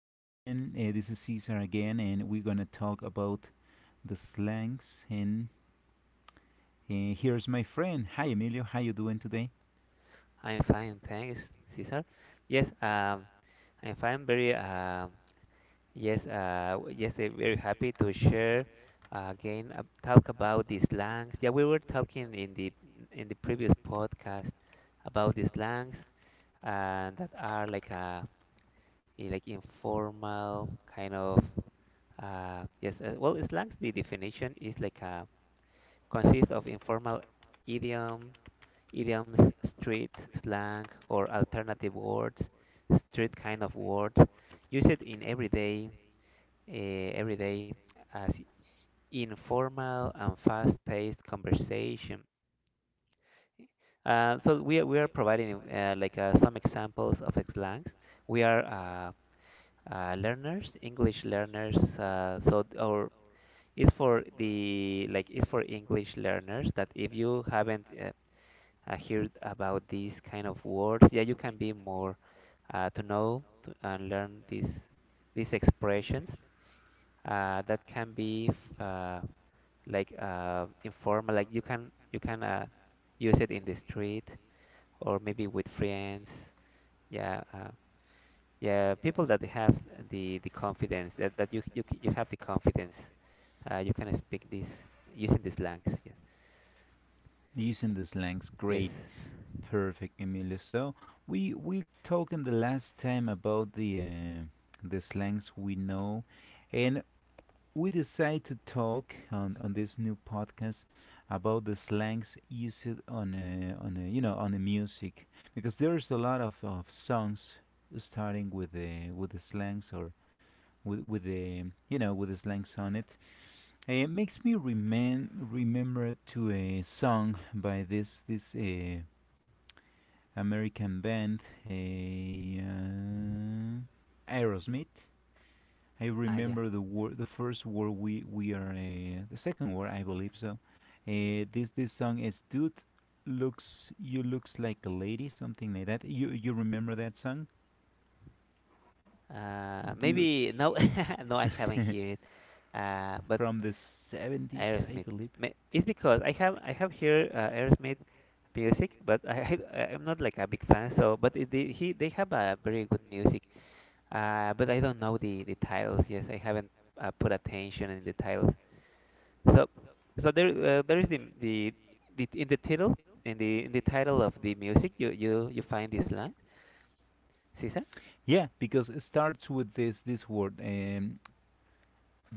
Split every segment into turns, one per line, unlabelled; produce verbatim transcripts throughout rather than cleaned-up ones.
And uh, This is Cesar again, and we're going to talk about the slangs. And uh, Here's my friend. Hi, Emilio. How you doing today?
I'm fine, thanks, Cesar. Yes, um, I'm fine. Very, um, yes, uh, yes, uh, very happy to share uh, again. Uh, talk about the slangs. Yeah, we were talking in the in the previous podcast about the slangs and that are like a i- like informal kind of uh, yes. Uh, well, slangs. The definition is like a consists of informal idiom idioms, street, slang, or alternative words, street kind of words, used in everyday, uh, everyday as informal and fast-paced conversation. Uh, so we are, we are providing uh, like uh, some examples of slangs. We are uh, uh, learners, English learners. Uh, so th- or is for the like is for English learners that if you haven't uh, uh, hear about these kind of words. Yeah, you can be more uh, to know to, and learn these these expressions uh, that can be uh, like uh, informal. Like you can you can uh, use it in the street or maybe with friends. Yeah, uh, yeah, people that have the the confidence that, that you you you have the confidence. Uh, you can speak this using these slangs. Yeah.
Using the slangs.
Yes.
Great. Perfect, Emilio. So we we talking the last time about the uh, the slangs we know, and we decide to talk on, on this new podcast about the slangs used on uh, on uh, you know on the music because there's a lot of, of songs starting with the with the slangs or with with the you know with the slangs on it. Uh, It makes me remen remember to a song by this this uh, American band, a uh, Aerosmith. I
Ah, yeah.
remember the war, the first war we we are uh, the second war, I believe so. Uh, this this song is dude looks you looks like a lady, something like that. You you remember that song,
Uh,
dude,
maybe no, no, I haven't heard uh, but
from the seventies, I
Aerosmith.
believe.
Ma- It's because I have I have here uh, Aerosmith music, but I, I I'm not like a big fan. So, but it, they, he they have a very good music. Uh, but I don't know the the titles. Yes, I haven't uh, put attention in the titles. So, so there uh, there is the the the in the title in the in the title of the music you you you find this line, Caesar?
Yeah, because it starts with this this word, um,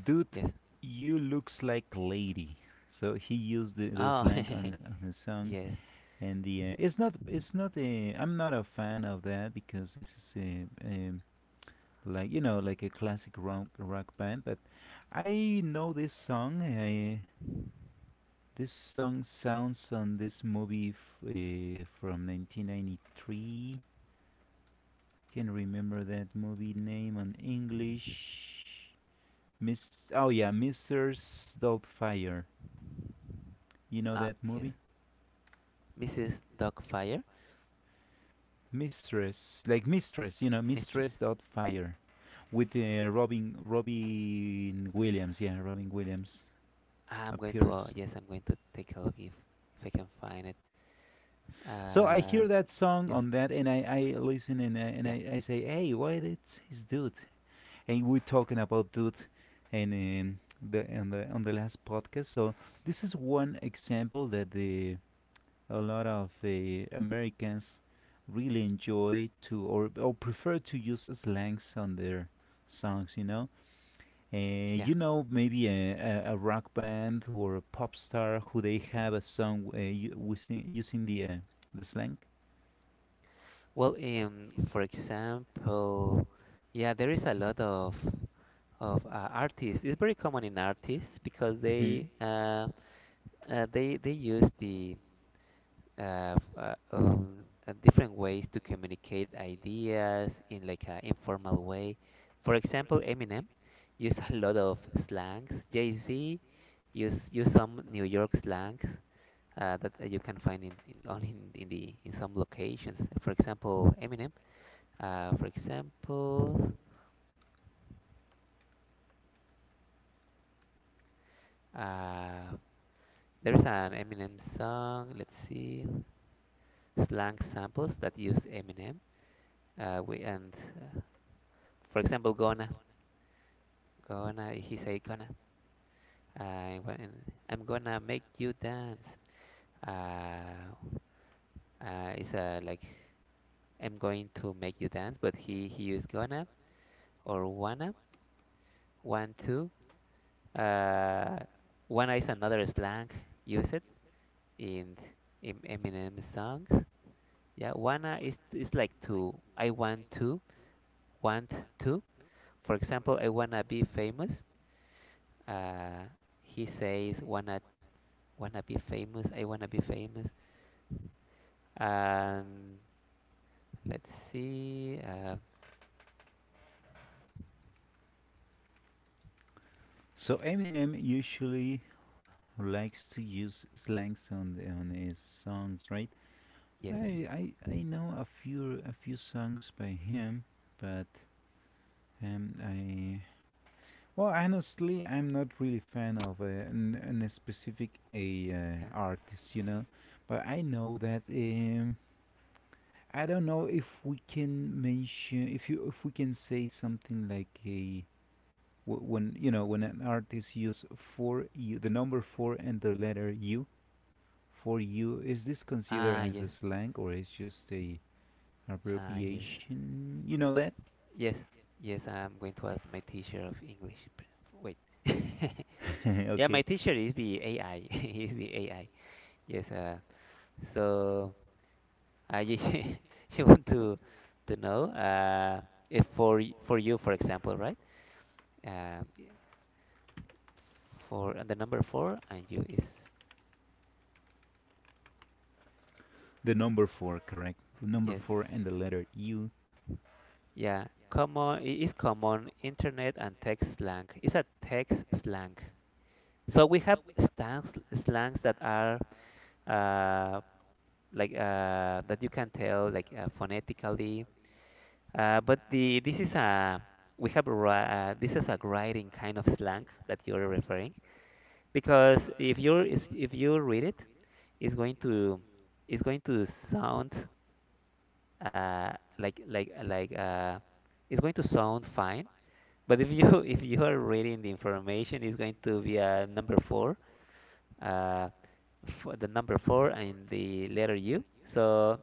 dude,
Yes.
you looks like lady. So he used the, the
Oh,
slang on a, on a song
yes.
and the uh, it's not it's not a I'm not a fan of that because this is a, um like you know like a classic rock rock band, but I know this song. I, this song sounds on this movie f- uh, from nineteen ninety-three. Can not remember that movie name on English. Miss oh yeah, Mistress Doubtfire. You know
Ah,
that
yes.
movie?
Missus Dogfire,
Mistress, like mistress, you know,
Mistress.
Mistress Doubtfire, with uh, Robin Robin Williams. Yeah, Robin Williams
I'm going to uh,
appears.
yes, I'm going to take a look if if I can find it.
So I
Uh,
hear that song
yes,
on that, and I, I listen and I, and
yeah,
I, I say, hey, what is his dude? And we're talking about dude, and um, the on the on the last podcast. So this is one example that the a lot of uh, Americans really enjoy to or or prefer to use slangs on their songs. You know. Uh,
yeah.
you know, Maybe a, a, a rock band or a pop star who they have a song uh, u- using, using the uh, the slang.
Well, um, for example, yeah, there is a lot of of uh, artists. It's very common in artists because
Hmm.
they uh, uh, they they use the uh, f- uh, um, uh, different ways to communicate ideas in like an informal way. For example, Eminem use a lot of slangs. Jay-Z use use some New York slang, uh, that uh, you can find in, in only in, in the in some locations. For example, Eminem. Uh, for example, uh, there's an Eminem song. Let's see, slang samples that use Eminem. Uh, we and uh, for example, gonna gonna he say gonna. I wa- I'm gonna make you dance. Uh, uh, it's uh, Like I'm going to make you dance, but he he used gonna or wanna one two. Uh, One is another slang used in in Eminem songs. Yeah, wanna is is like to. I want to, want to. For example, I wanna be famous. Uh, he says wanna wanna be famous. I wanna be famous. Um, let's see. Uh,
Uh, So Eminem usually likes to use slangs on the- on his songs, right?
yes,
I I, I know a few a few songs by him, but um I well, honestly, I'm not really fan of a an, an specific a uh,
yeah.
artist, you know, but I know that um, I don't know if we can mention if you if we can say something like a wh- when you know when an artist use for you the number four and the letter U for you, is this considered
Ah,
as a
yes.
slang or is just a
Ah, yes.
abbreviation? You know that?
Yes, yes. I'm going to ask my teacher of English. P- Wait. Yeah,
Okay,
my teacher is the A I. He's the A I. Yes. Uh, so I just she, want to to know uh, if for y- for you, for example, right? Um, for and the number four and you is
the number four, correct? The number
yes.
four and the letter U.
Yeah. Common It is common internet and text slang. It's a text slang. So we have slangs slangs that are uh, like uh, that you can tell like uh, phonetically. Uh, but the This is a we have a, ri- uh, this is a writing kind of slang that you're referring because if you're is- if you read it, it's going to it's going to sound uh like like like uh it's going to sound fine. But if you if you are reading the information, it's going to be a number four uh for the number four and the letter U. So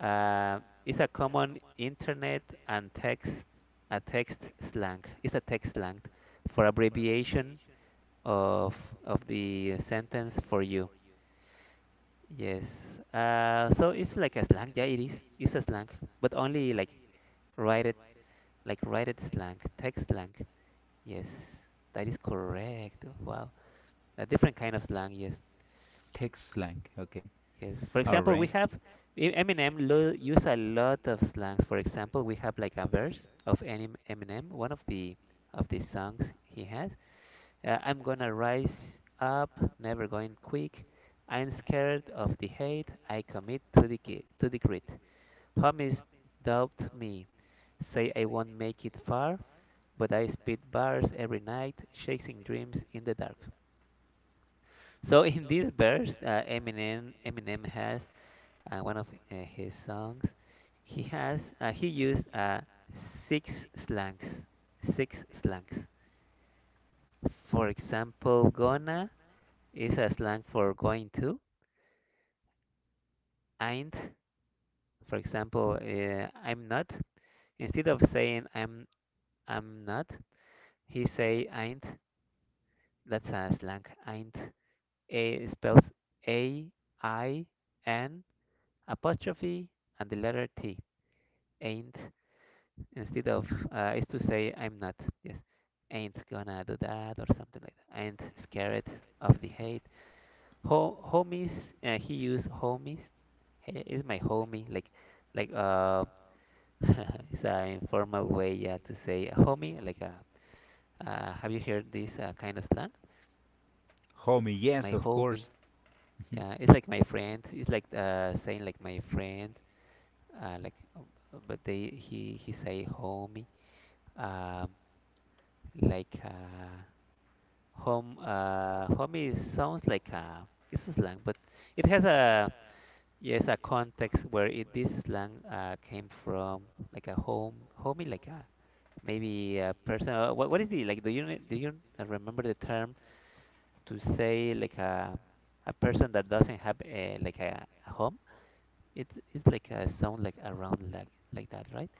Uh, it's a common internet and text a text slang. It's a text slang for abbreviation of of the sentence for you. Yes. Uh, so it's like a slang. Yeah, it is. It's a slang, but only like write it like write it slang, text slang. Yes, that is correct. Wow, a different kind of slang. Yes.
Text slang. Okay.
Yes. For
All
example, we
right.
have E- Eminem lo use a lot of slangs. For example, we have like a verse of Enim- Eminem, one of the of the songs he has. Uh, I'm gonna rise up, never going quick. I'm scared of the hate. I commit to the ki- to the grit. Homies doubt me, say I won't make it far, but I spit bars every night, chasing dreams in the dark. So in this verse, uh, Eminem Eminem has uh, one of uh, his songs, he has uh, he used uh, six slangs. Six slangs. For example, gonna is a slang for going to. Ain't, for example, uh, I'm not. Instead of saying I'm I'm not, he say ain't. That's a slang. Ain't. A spells A I N apostrophe and the letter T. Ain't, instead of uh, is to say I'm not. Yes, ain't gonna do that or something like that. Ain't scared of the hate. Ho- homies. Uh, he used homies. Hey, is my homie like like uh it's an informal way yeah to say a homie like a uh have you heard this uh, kind of slang?
Homie. Yes,
My
of
homie.
course.
Yeah, it's like my friend. It's like uh saying like my friend. Uh, like um, uh, but they he he say homie. Um, like uh Home, uh, home sounds like a it's a slang, but it has a yes a context where it this slang uh, came from, like a home, homie, like a maybe a person. Uh, what what is the like? Do you kn- do you uh, remember the term to say like a a person that doesn't have a like a home? It it's like a sound like around like like that, right?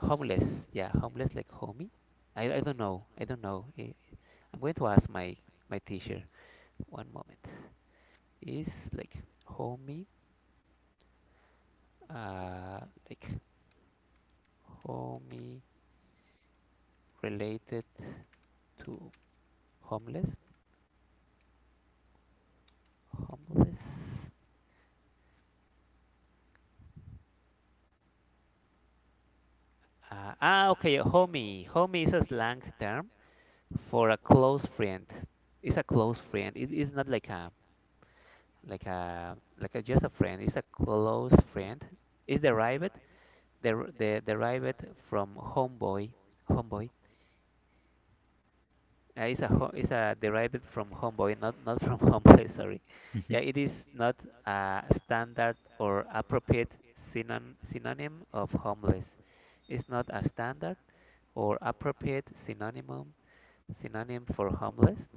Homeless, yeah, homeless like homie. I I don't know, I don't know. I, I'm going to ask my my teacher one moment. Is like homey, uh, like homey related to homeless, homeless. Uh, ah, okay, homie. Homie is a slang term for a close friend. It's a close friend. It is not like a like a like a just a friend. It's a close friend. It's derived der, de, derived from homeboy, homeboy. Uh, it's a ho it's a derived from homeboy, not not from homeless. Sorry. Yeah, it is not a standard or appropriate synon synonym of homeless. It's not a standard or appropriate synonym synonym for homeless.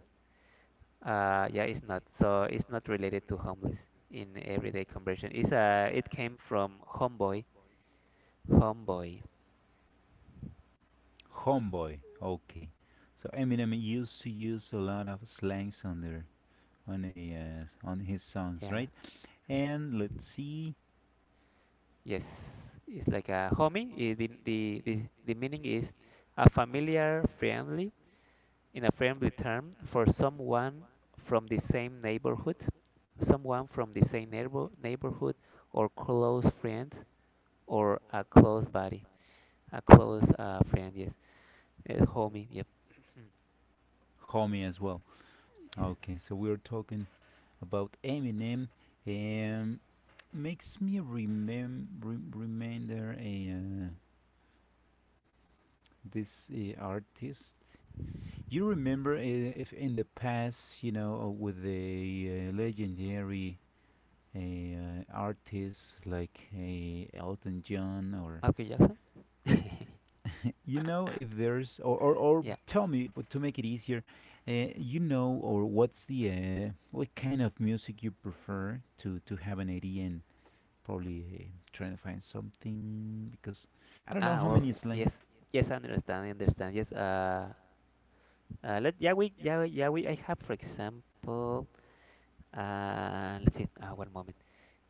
Uh, yeah, it's not. So it's not related to homeless in everyday conversion. It's uh, it came from homeboy, homeboy.
Mhm. Homeboy. Okay. So Eminem used to use a lot of slangs on their on a uh, on his songs,
Yeah,
right? And let's see,
yes, it's like a homie. I- The, the, the, the meaning is a familiar, friendly, in a friendly term for someone from the same neighborhood, someone from the same neighbor, neighborhood, or close friend, or a close buddy, a close uh, friend. Yes, uh, homie. Yep.
homie as well.
Yes,
Okay, so we're talking about Eminem. Um, Makes me remem rem- remember a uh, this uh, artist. You remember uh, if in the past, you know, uh, with the uh, legendary uh, artists like a uh, Elton John, or
Michael Jackson.
you know, if there's or or, or
Yeah.
tell me w- to make it easier, uh, you know, or what's the uh, what kind of music you prefer to to have an idea and probably uh, trying to find something because I don't know
Ah,
how
well,
many
w-
is lame.
yes, yes, I understand, I understand. Yes, uh, uh, let yeah, we, yeah, we- yeah, we, I have, for example, Uh, let's see. Uh, one moment.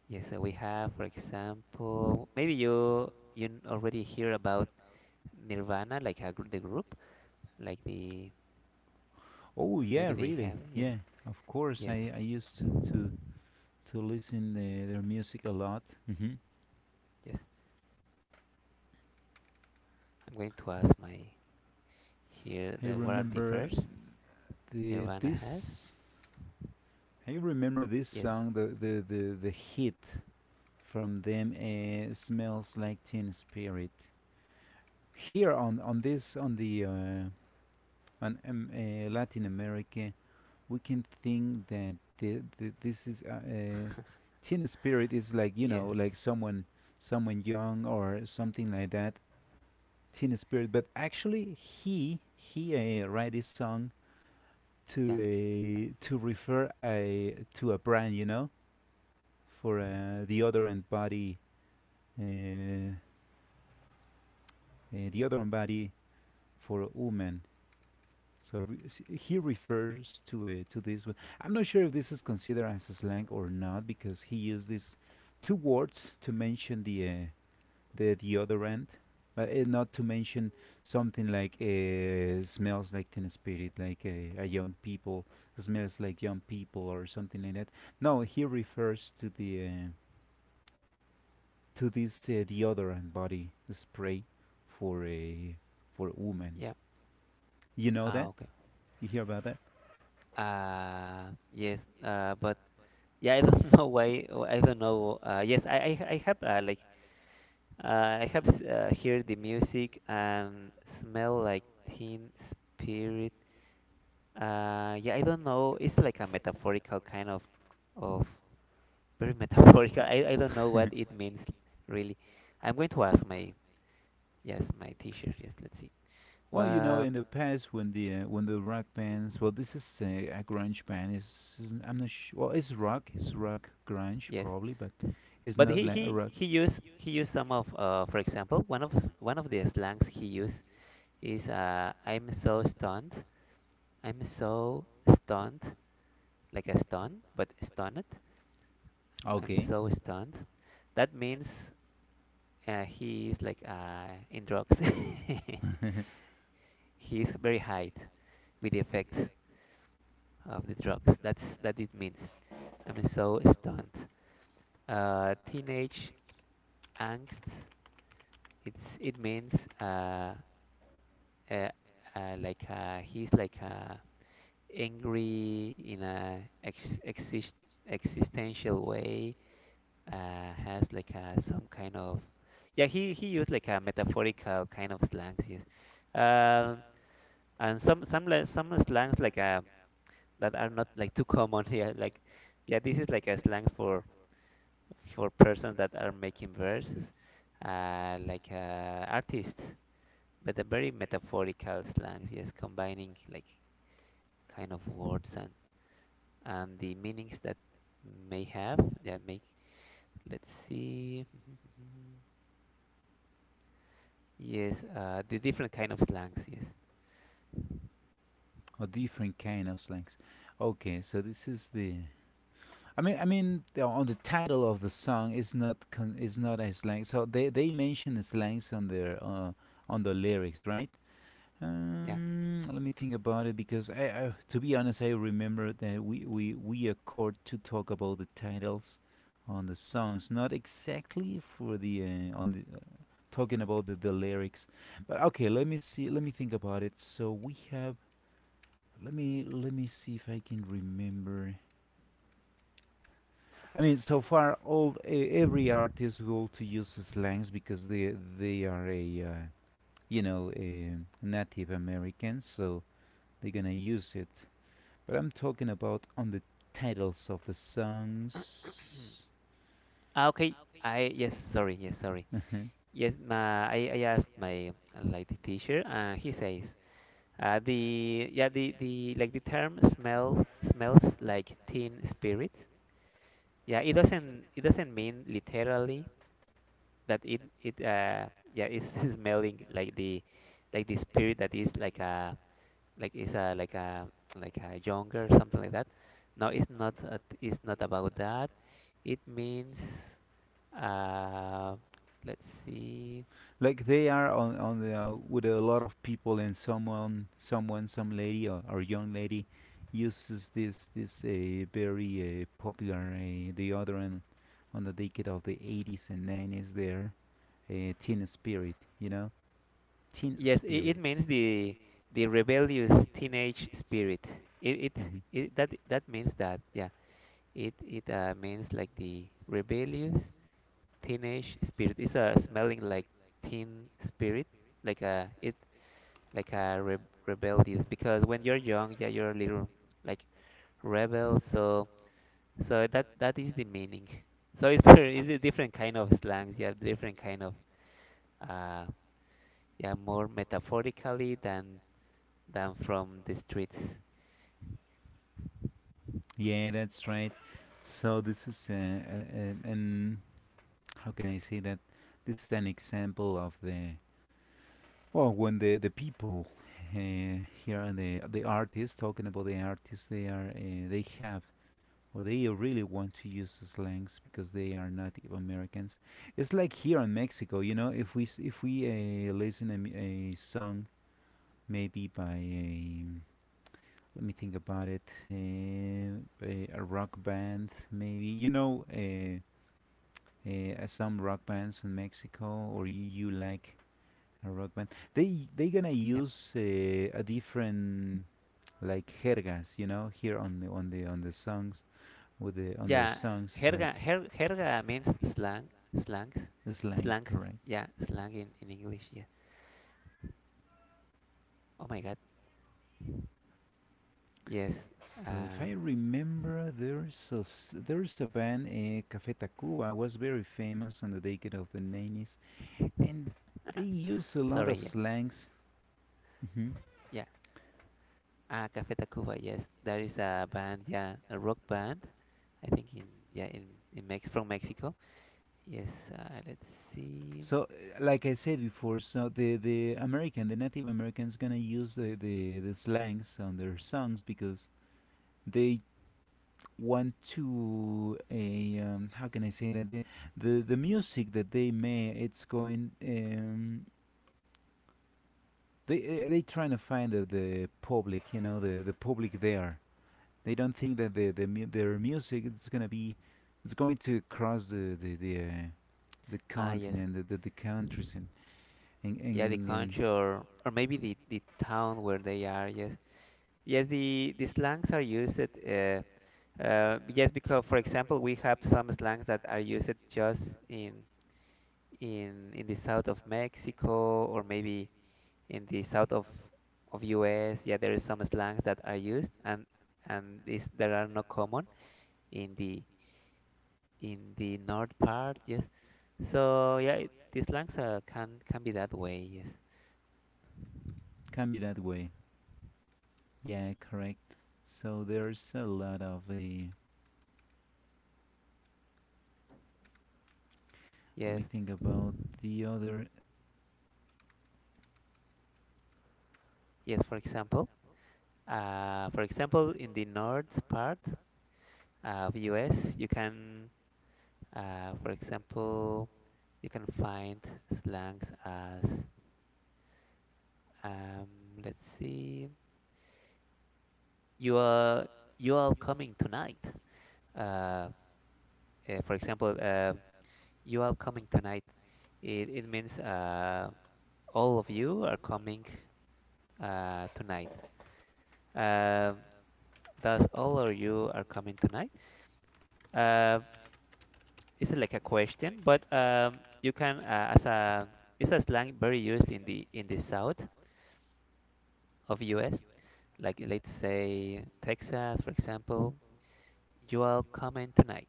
Yes, so we have, for example, maybe you you already hear about Nirvana, like a, gr- the group, like the
Oh yeah,
maybe they
really?
have. Yes,
Yeah, of course.
yes,
I, I used to to to listen the, their music a lot. Hmm.
yes. I'm going to ask my here
I
the what are the
remember
verse
the
Nirvana has.
this. I remember this
Yes,
song, the the the, the hit from them. Uh, smells like Teen Spirit. Here on on this on the uh, on um, uh, Latin America, we can think that the, the, this is uh, uh, Teen Spirit is like you
yes,
know like someone someone young or something like that, Teen Spirit, but actually he he uh, write this song to
yeah,
a to refer a to a brand, you know, for uh, the other and body, uh, uh, the other and body for women. So re- s- he refers to uh, to this one. I'm not sure if this is considered as a slang or not because he used these two words to mention the uh, the deodorant. But uh, not to mention something like uh, smells like Teen Spirit, like uh, a young people smells like young people or something like that. No, he refers to the uh, to this uh, deodorant body spray for a for women.
yeah.
You know
Ah,
that?
okay.
You hear about that?
Uh, yes. Uh, but Yeah, I don't know why. I don't know. Uh, yes, I I, I have uh, like Uh, I have s- uh, heard the music and smell like teen spirit. Uh, yeah, I don't know. It's like a metaphorical kind of of very metaphorical. I, I don't know what it means really. I'm going to ask my yes my teacher. Yes, let's see.
Well, you know,
Well,
in the past when the uh, when the rock bands, well, this is uh, a grunge band. Is is- I'm not sure. Well, it's rock. It's rock grunge
yes,
probably, but it's
but
not
he
like a
he
rock.
he used he used some of uh for example one of s- one of the slangs he used is uh I'm so stunned. I'm so stunned like a stun but stunned I'm
Used.
so stunned. That means uh, he is like uh, in drugs.
Okay.
He is very high with the effects of the drugs. That's that it means. I'm so stunned. Uh, teenage angst. It's it means uh, uh, uh like uh, he's like uh, angry in a ex exist existential way, uh, has like a some kind of. Yeah he he used like a metaphorical kind of slangs, yes, um and some some le- some slangs like uh, that are not like too common, yeah, like yeah this is like a slangs for for persons that are making verses uh like uh artists, but a very metaphorical slangs, yes, combining like kind of words and and the meanings that may have. Yeah, make, let's see. Yes, uh, the different kind of slangs. Yes,
Or different kind of slangs. Okay, so this is the. I mean, I mean, the- on the title of the song is not con- is not a slang. So they they mention slangs on their uh, on the lyrics, right?
yeah.
Um, let me think about it, because I, I, to be honest, I remember that we we we accord to talk about the titles on the songs, not exactly for the uh, on the uh, talking about the, the lyrics. But okay, let me see. Let me think about it. So we have. Let me let me see if I can remember. I mean, so far, all e- every artist will to use slangs because they they are a uh, you know a Native Americans, so they're gonna use it. But I'm talking about on the titles of the songs.
Ah, okay. I Yes, sorry. Yes, sorry.
Yes.
Yes, my I, I asked my uh, like the teacher, and he says, uh, the yeah the the like the term smell smells like teen spirit. Yeah, it doesn't it doesn't mean literally that it it uh yeah it's smelling like the like the spirit that is like a like it's a like a like a younger something like that. No, it's not. uh, It's not about that. It means uh, let's see.
Like they are on on the, uh, with a lot of people and someone someone some lady or, or young lady uses this this uh, very uh, popular uh, the other end on the decade of the eighties and nineties there uh, teen spirit you know teen. Yes,
Yes, it, it
spirit.
means the the rebellious teenage spirit. It, it
Hmm.
it that that means that yeah. It it uh, means like the rebellious teenage spirit. It's uh, smelling like teen spirit, like a it like a re rebellious because when you're young, yeah, you're a little like rebel. So so that that is the meaning. So it's very- it's a different kind of slangs. Yeah, different kind of uh yeah, more metaphorically than than from the streets.
Yeah, that's right. So this is uh, uh, uh, an how can I say that, this is an example of the, well when the the people uh, here and the the artists talking about the artists they are uh, they have or they really want to use slangs because they are Native Americans. It's like here in Mexico, you know, if we s- if we uh, listen a, a song maybe by a, let me think about it, uh, a, a rock band maybe you know uh, uh, some rock bands in Mexico or you you like a rock band. They they gonna
Yeah,
use uh, a different like jergas, you know, here on the on the on the songs with the on their
yeah.
songs like
Jerga her, jerga means slang slangs
slang. Slang,
slang.
correct?
Yeah, slang in in English. Yeah. Oh my God. Yes.
So if
Uh,
I remember, there's a s- there's a band, uh, Café Tacuba, was very famous on the decade of the nineties, and they use a lot of
sorry. Yeah.
slangs. Hmm.
Yeah. Ah, Café Tacuba. Yes, there is a band. Yeah, a rock band. I think in yeah in in Mex from Mexico. Yes, uh, let's see.
So, uh, like I said before, so the the American, the Native Americans, gonna use the the, the slangs on their songs because they want to a um, how can I say that, the the the music that they make, it's going um they uh, they trying to find the, the public, you know, the the public there. They don't think that the, the mu- their music, it's gonna be, it's going to cross the the the, uh, the
Ah, yes.
continent, the, the the countries and and,
Yeah, the
and. And
country or or maybe the the town where they are. Yes. Yes, the the slangs are used at, uh uh yes, because for example we have some slangs that are used just in in in the south of Mexico, or maybe in the south of of U S. Yeah, there is some slangs that are used, and and these that are not common in the in the north part, yes. So yeah, it, these slangs uh, can can be that way. Yes,
Yes, can be that way. Yeah, correct. So there's a lot of a. Uh, let
yes,
me think about the other.
yes. For example, uh, for example, in the north part of U S, you can, uh, for example, you can find slangs as um, let's see, you are you are coming tonight. Uh, uh, for example, uh, you are coming tonight. It it means uh, all of you are coming uh, tonight. Um, does all of you are coming tonight? Uh, it's like a question, but um, you can uh, as a it's a slang very used in the in the South of U S. Like let's say Texas, for example, you all coming tonight.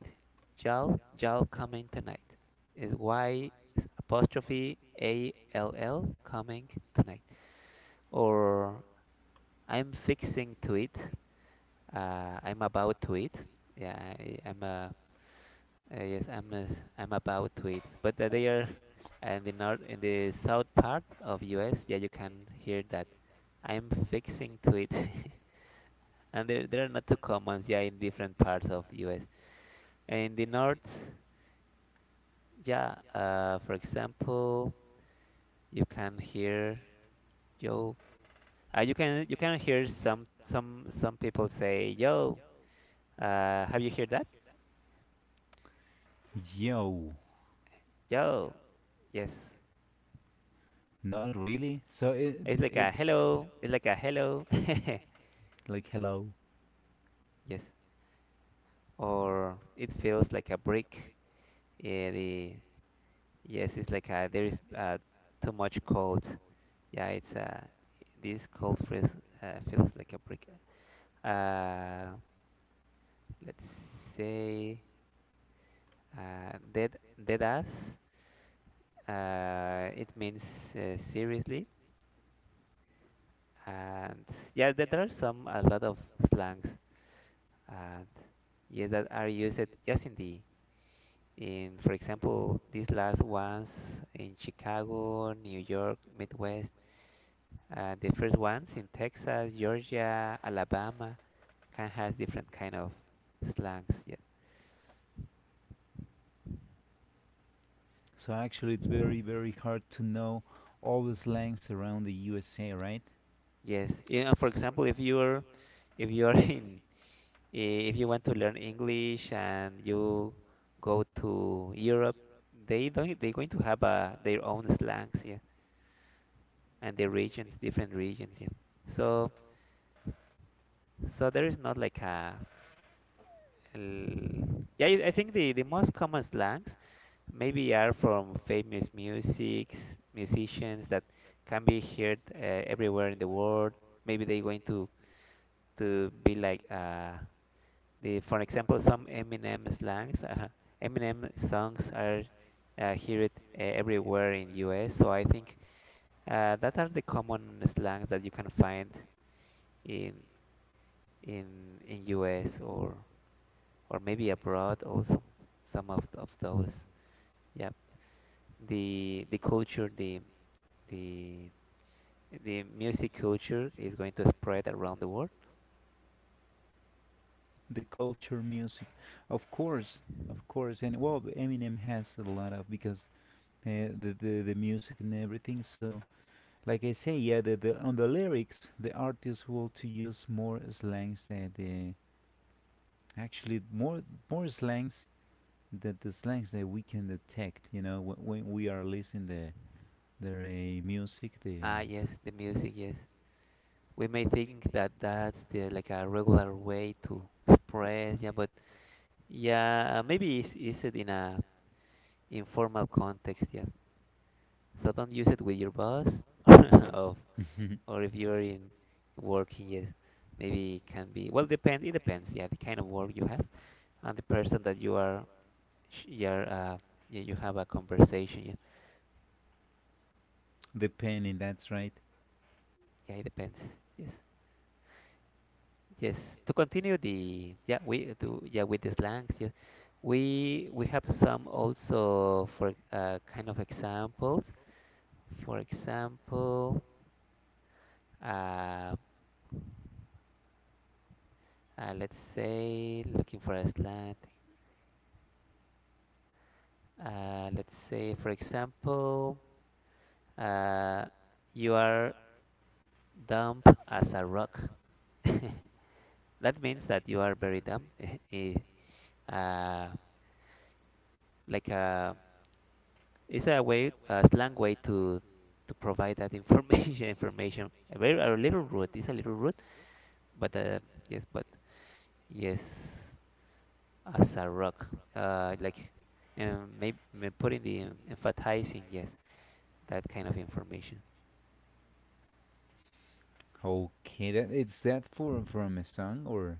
Y'all y'all coming tonight is Y s- apostrophe A L L coming tonight. Or I'm fixing to it. Uh, I'm about to it. Yeah, I, I'm uh, Uh, yes, I'm uh, I'm about tweets, but uh, they are uh, in the north in the south part of U S. Yeah, you can hear that. I'm fixing tweet, and there there are not too commons. Yeah, in different parts of U S. In the north, yeah, uh, for example, you can hear yo. Uh, you can you can hear some some some people say yo. Uh, have you heard that?
Yo,
Yo. Yes.
not really. So it
It's like a
it's
hello. It's like a hello.
like it's like a hello. Like hello.
Yes. Or it feels like a brick. Yeah, the yes, it's like a, there is uh, too much cold. Yeah, it's uh, this cold freeze uh, feels like a brick. Uh, let's say uh, dead dead ass. Uh, it means uh, seriously, and yeah, there there are some a lot of slangs, and yes, that are used just in the In, for example, these last ones in Chicago, New York, Midwest, uh, the first ones in Texas, Georgia, Alabama, can has different kind of slangs. Yeah.
So actually, it's very very hard to know all the slangs around the U S A, right?
Yes. Yeah, for example, if you're if you're in if you want to learn English and you go to Europe, they don't they're going to have uh, their own slangs, yeah, and their regions, different regions, yeah. So so there is not like a L- yeah, I I think the, the most common slangs maybe are from famous musics, musicians that can be heard uh, everywhere in the world. Maybe they're going to, to be like, uh, the, for example, some Eminem slangs. Uh, Eminem songs are uh, heard uh, everywhere in U S. So I think uh, that are the common slangs that you can find in in in U S, or or maybe abroad also some of, of those. Yeah, the the culture, the the the music culture is going to spread around the world.
The culture, music, of course, of course, and well, Eminem has a lot of because uh, the, the the music and everything. So, like I say, yeah, the, the on the lyrics, the artists want to use more slangs that the, actually more more slangs, that the slangs that we can detect. You know, when, when we are listening the their uh, music, the
Ah, yes, the music, yes. We may think that that's the like a regular way to express, yeah, but yeah, maybe it's use it in a informal context, yeah. So don't use it with your boss. Of
uh,
or if you're in working, yes. Maybe it can be well depend it depends, yeah, the kind of work you have and the person that you are sh- you're uh, you, you have a conversation. Yeah,
the penny. That's right.
yeah, it depends. Yes, yes. To continue the yeah we do yeah with the slangs. Yes, we we have some also for uh, kind of examples. For example, uh, uh, let's say looking for a slang. Uh, let's say for example, uh, you are dumb as a rock. That means that you are very dumb. eh, uh, like a is a way, a slang way to to provide that information, information, a very a little rude, it's a little rude, but uh, yes but yes, as a rock uh like um maybe may putting the em- emphasizing, yes, that kind of information.
Okay, that it's that for from a song or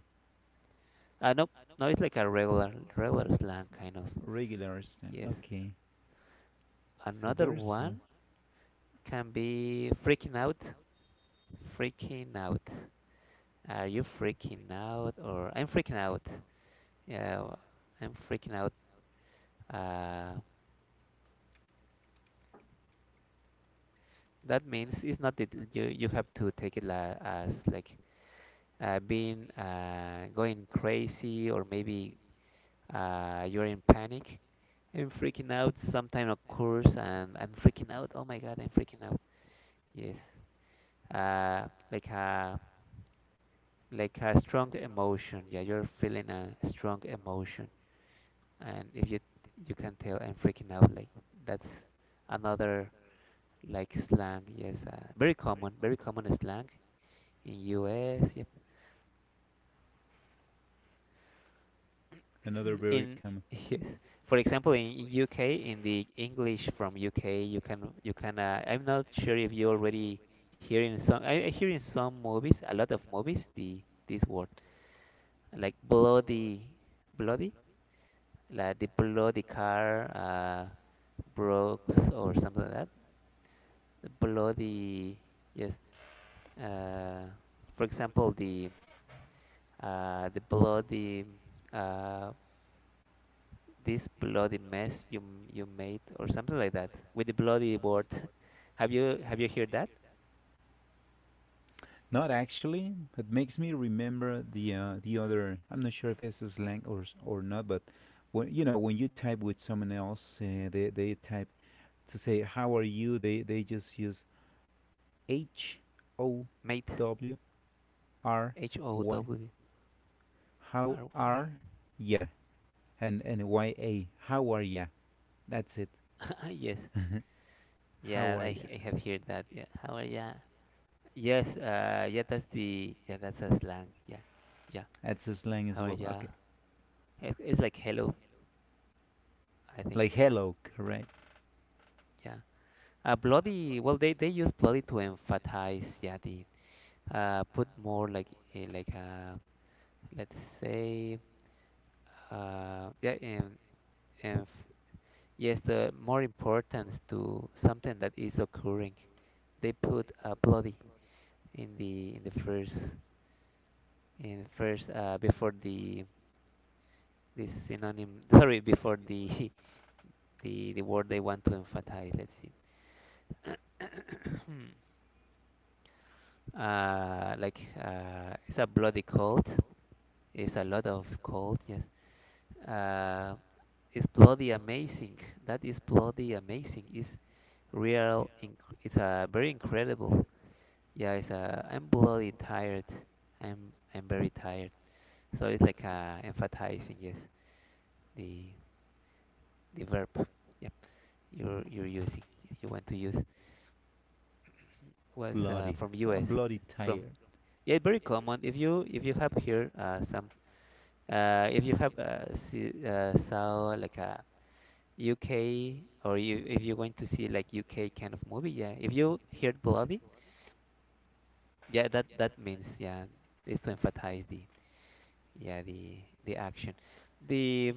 Uh, no, no, it's like a regular regular slang kind of.
regular song.
Yes,
Okay, so
another
there's l-
one can be freaking out, freaking out. Are you freaking out, or I'm freaking out? Yeah, i I'm freaking out. Uh, that means it's not that you you have to take it la as like uh, being uh, going crazy, or maybe uh, you're in panic. I'm freaking out. Sometime occurs and I'm freaking out. Oh my God, I'm freaking out. Yes. Uh, like a like a strong emotion. Yeah, you're feeling a strong emotion, and if you you can tell I'm freaking out, like that's another, like slang, yes, uh, very common, very common slang in U S, yep.
another very
In
common.
yes, for example in, in U K, in the English from U K, you can you can uh, I'm not sure if you already hear in some, I, I hear in some movies, a lot of movies, the this word like bloody, bloody, like the bloody car uh broke or something like that. Bloody, yes, uh for example the uh, the bloody uh, this bloody mess you m- you made, or something like that, with the bloody word. Have you have you heard that?
Not actually. It makes me remember the uh, the other. I'm not sure if it's a slang or s- or not, but when you know when you type with someone else, uh, they they type to say how are you. They they just use H O
Mate,
W R
H O
Y.
W
How
R Y.
are ya? And and Y A. How are ya? That's it.
Yes,
How
yeah,
are
I h-
ya?
I have heard that. Yeah, how are ya? Yes, uh, yeah, that's the yeah, that's a slang. Yeah, yeah,
That's a slang as
how are
well.
ya?
Okay.
It's, it's like hello, I
Like
think.
hello, correct?
Yeah, uh, bloody. Well, they they use bloody to emphasize. Yeah, the uh, put more like a, like a, let's say uh, yeah and, and f- yes, the more importance to something that is occurring, they put uh, bloody in the in the first in first, uh, before the this synonym, sorry, before the the the word they want to emphasize. Let's see. Uh, like uh, it's a bloody cold, it's a lot of cold, yes. Uh, it's bloody amazing. That is bloody amazing. It's real. Inc- it's a very incredible. Yeah, it's a. I'm bloody tired. I'm I'm very tired. So it's like uh, emphasizing, yes, the the verb. Yep, you're you're using. You want to use was uh,
Bloody.
from
So I'm
U S.
bloody
From
tired.
yeah, it's very common. If you if you have here uh, some uh, if you have uh, see, uh, saw like a U K, or you if you're going to see like U K kind of movie, yeah. If you hear bloody, yeah, that that means yeah, is to emphasize the yeah the the action. The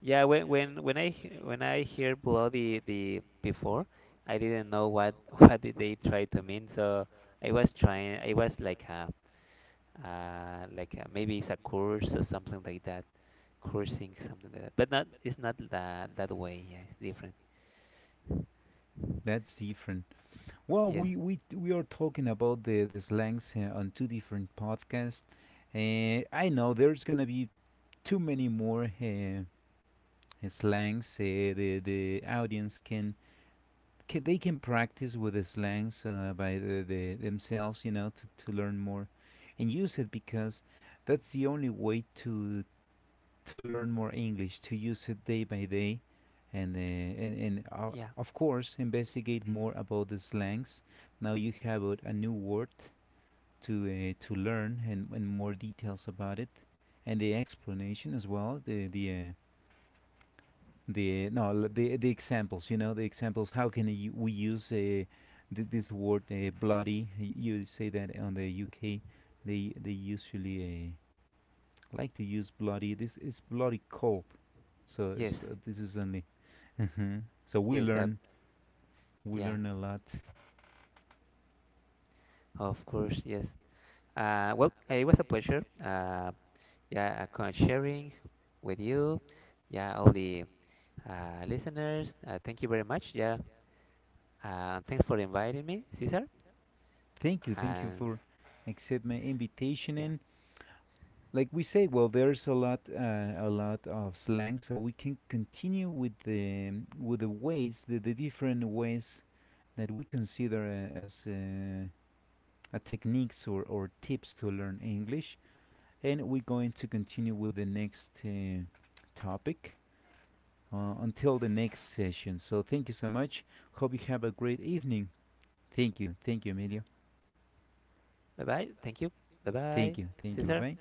yeah when when when I he- when I hear bloody the before, I didn't know what what did they try to mean. So I was trying. I was like a uh like a, maybe it's a curse or something like that, cursing something like that. But not, it's not that that way. Yeah, it's different.
That's different. Well,
Yes.
we we we are talking about the the slangs here on two different podcasts, and I know there's gonna be too many more uh, uh, slangs. Uh, the the audience can, can they can practice with the slangs uh, by the, the themselves, you know, to to learn more, and use it, because that's the only way to to learn more English, to use it day by day, and uh, and, and uh,
Yeah.
of course investigate more about the slangs. Now you have a, a new word to uh, to learn and, and more details about it, and the explanation as well. The the uh, the no the the examples. You know the examples. How can you, we use uh, th- this word uh, bloody? You say that on the U K, they they usually, uh, like to use bloody. This is bloody cold, so
Yes.
it's, uh, this is only. So we
Yes, uh,
learn, we
yeah,
learn a lot.
of course, yes. Uh, well, eh, it was a pleasure. Uh, yeah, uh, co- sharing with you. Yeah, all the uh, listeners. Uh, thank you very much. Yeah, uh, thanks for inviting me, Cesar.
Thank you, thank you
And
for accept my invitation,
yeah,
and like we say, well there's a lot uh, a lot of slang, so we can continue with the um, with the ways, the, the different ways that we consider uh, as uh, a techniques or, or tips to learn English, and we're going to continue with the next uh, topic, uh, until the next session. So thank you so much. Hope you have a great evening. Thank you. Thank you, Emilio.
bye bye. Thank you. Bye
Thank
bye,
you. Thank you.
Cesar.
Bye bye.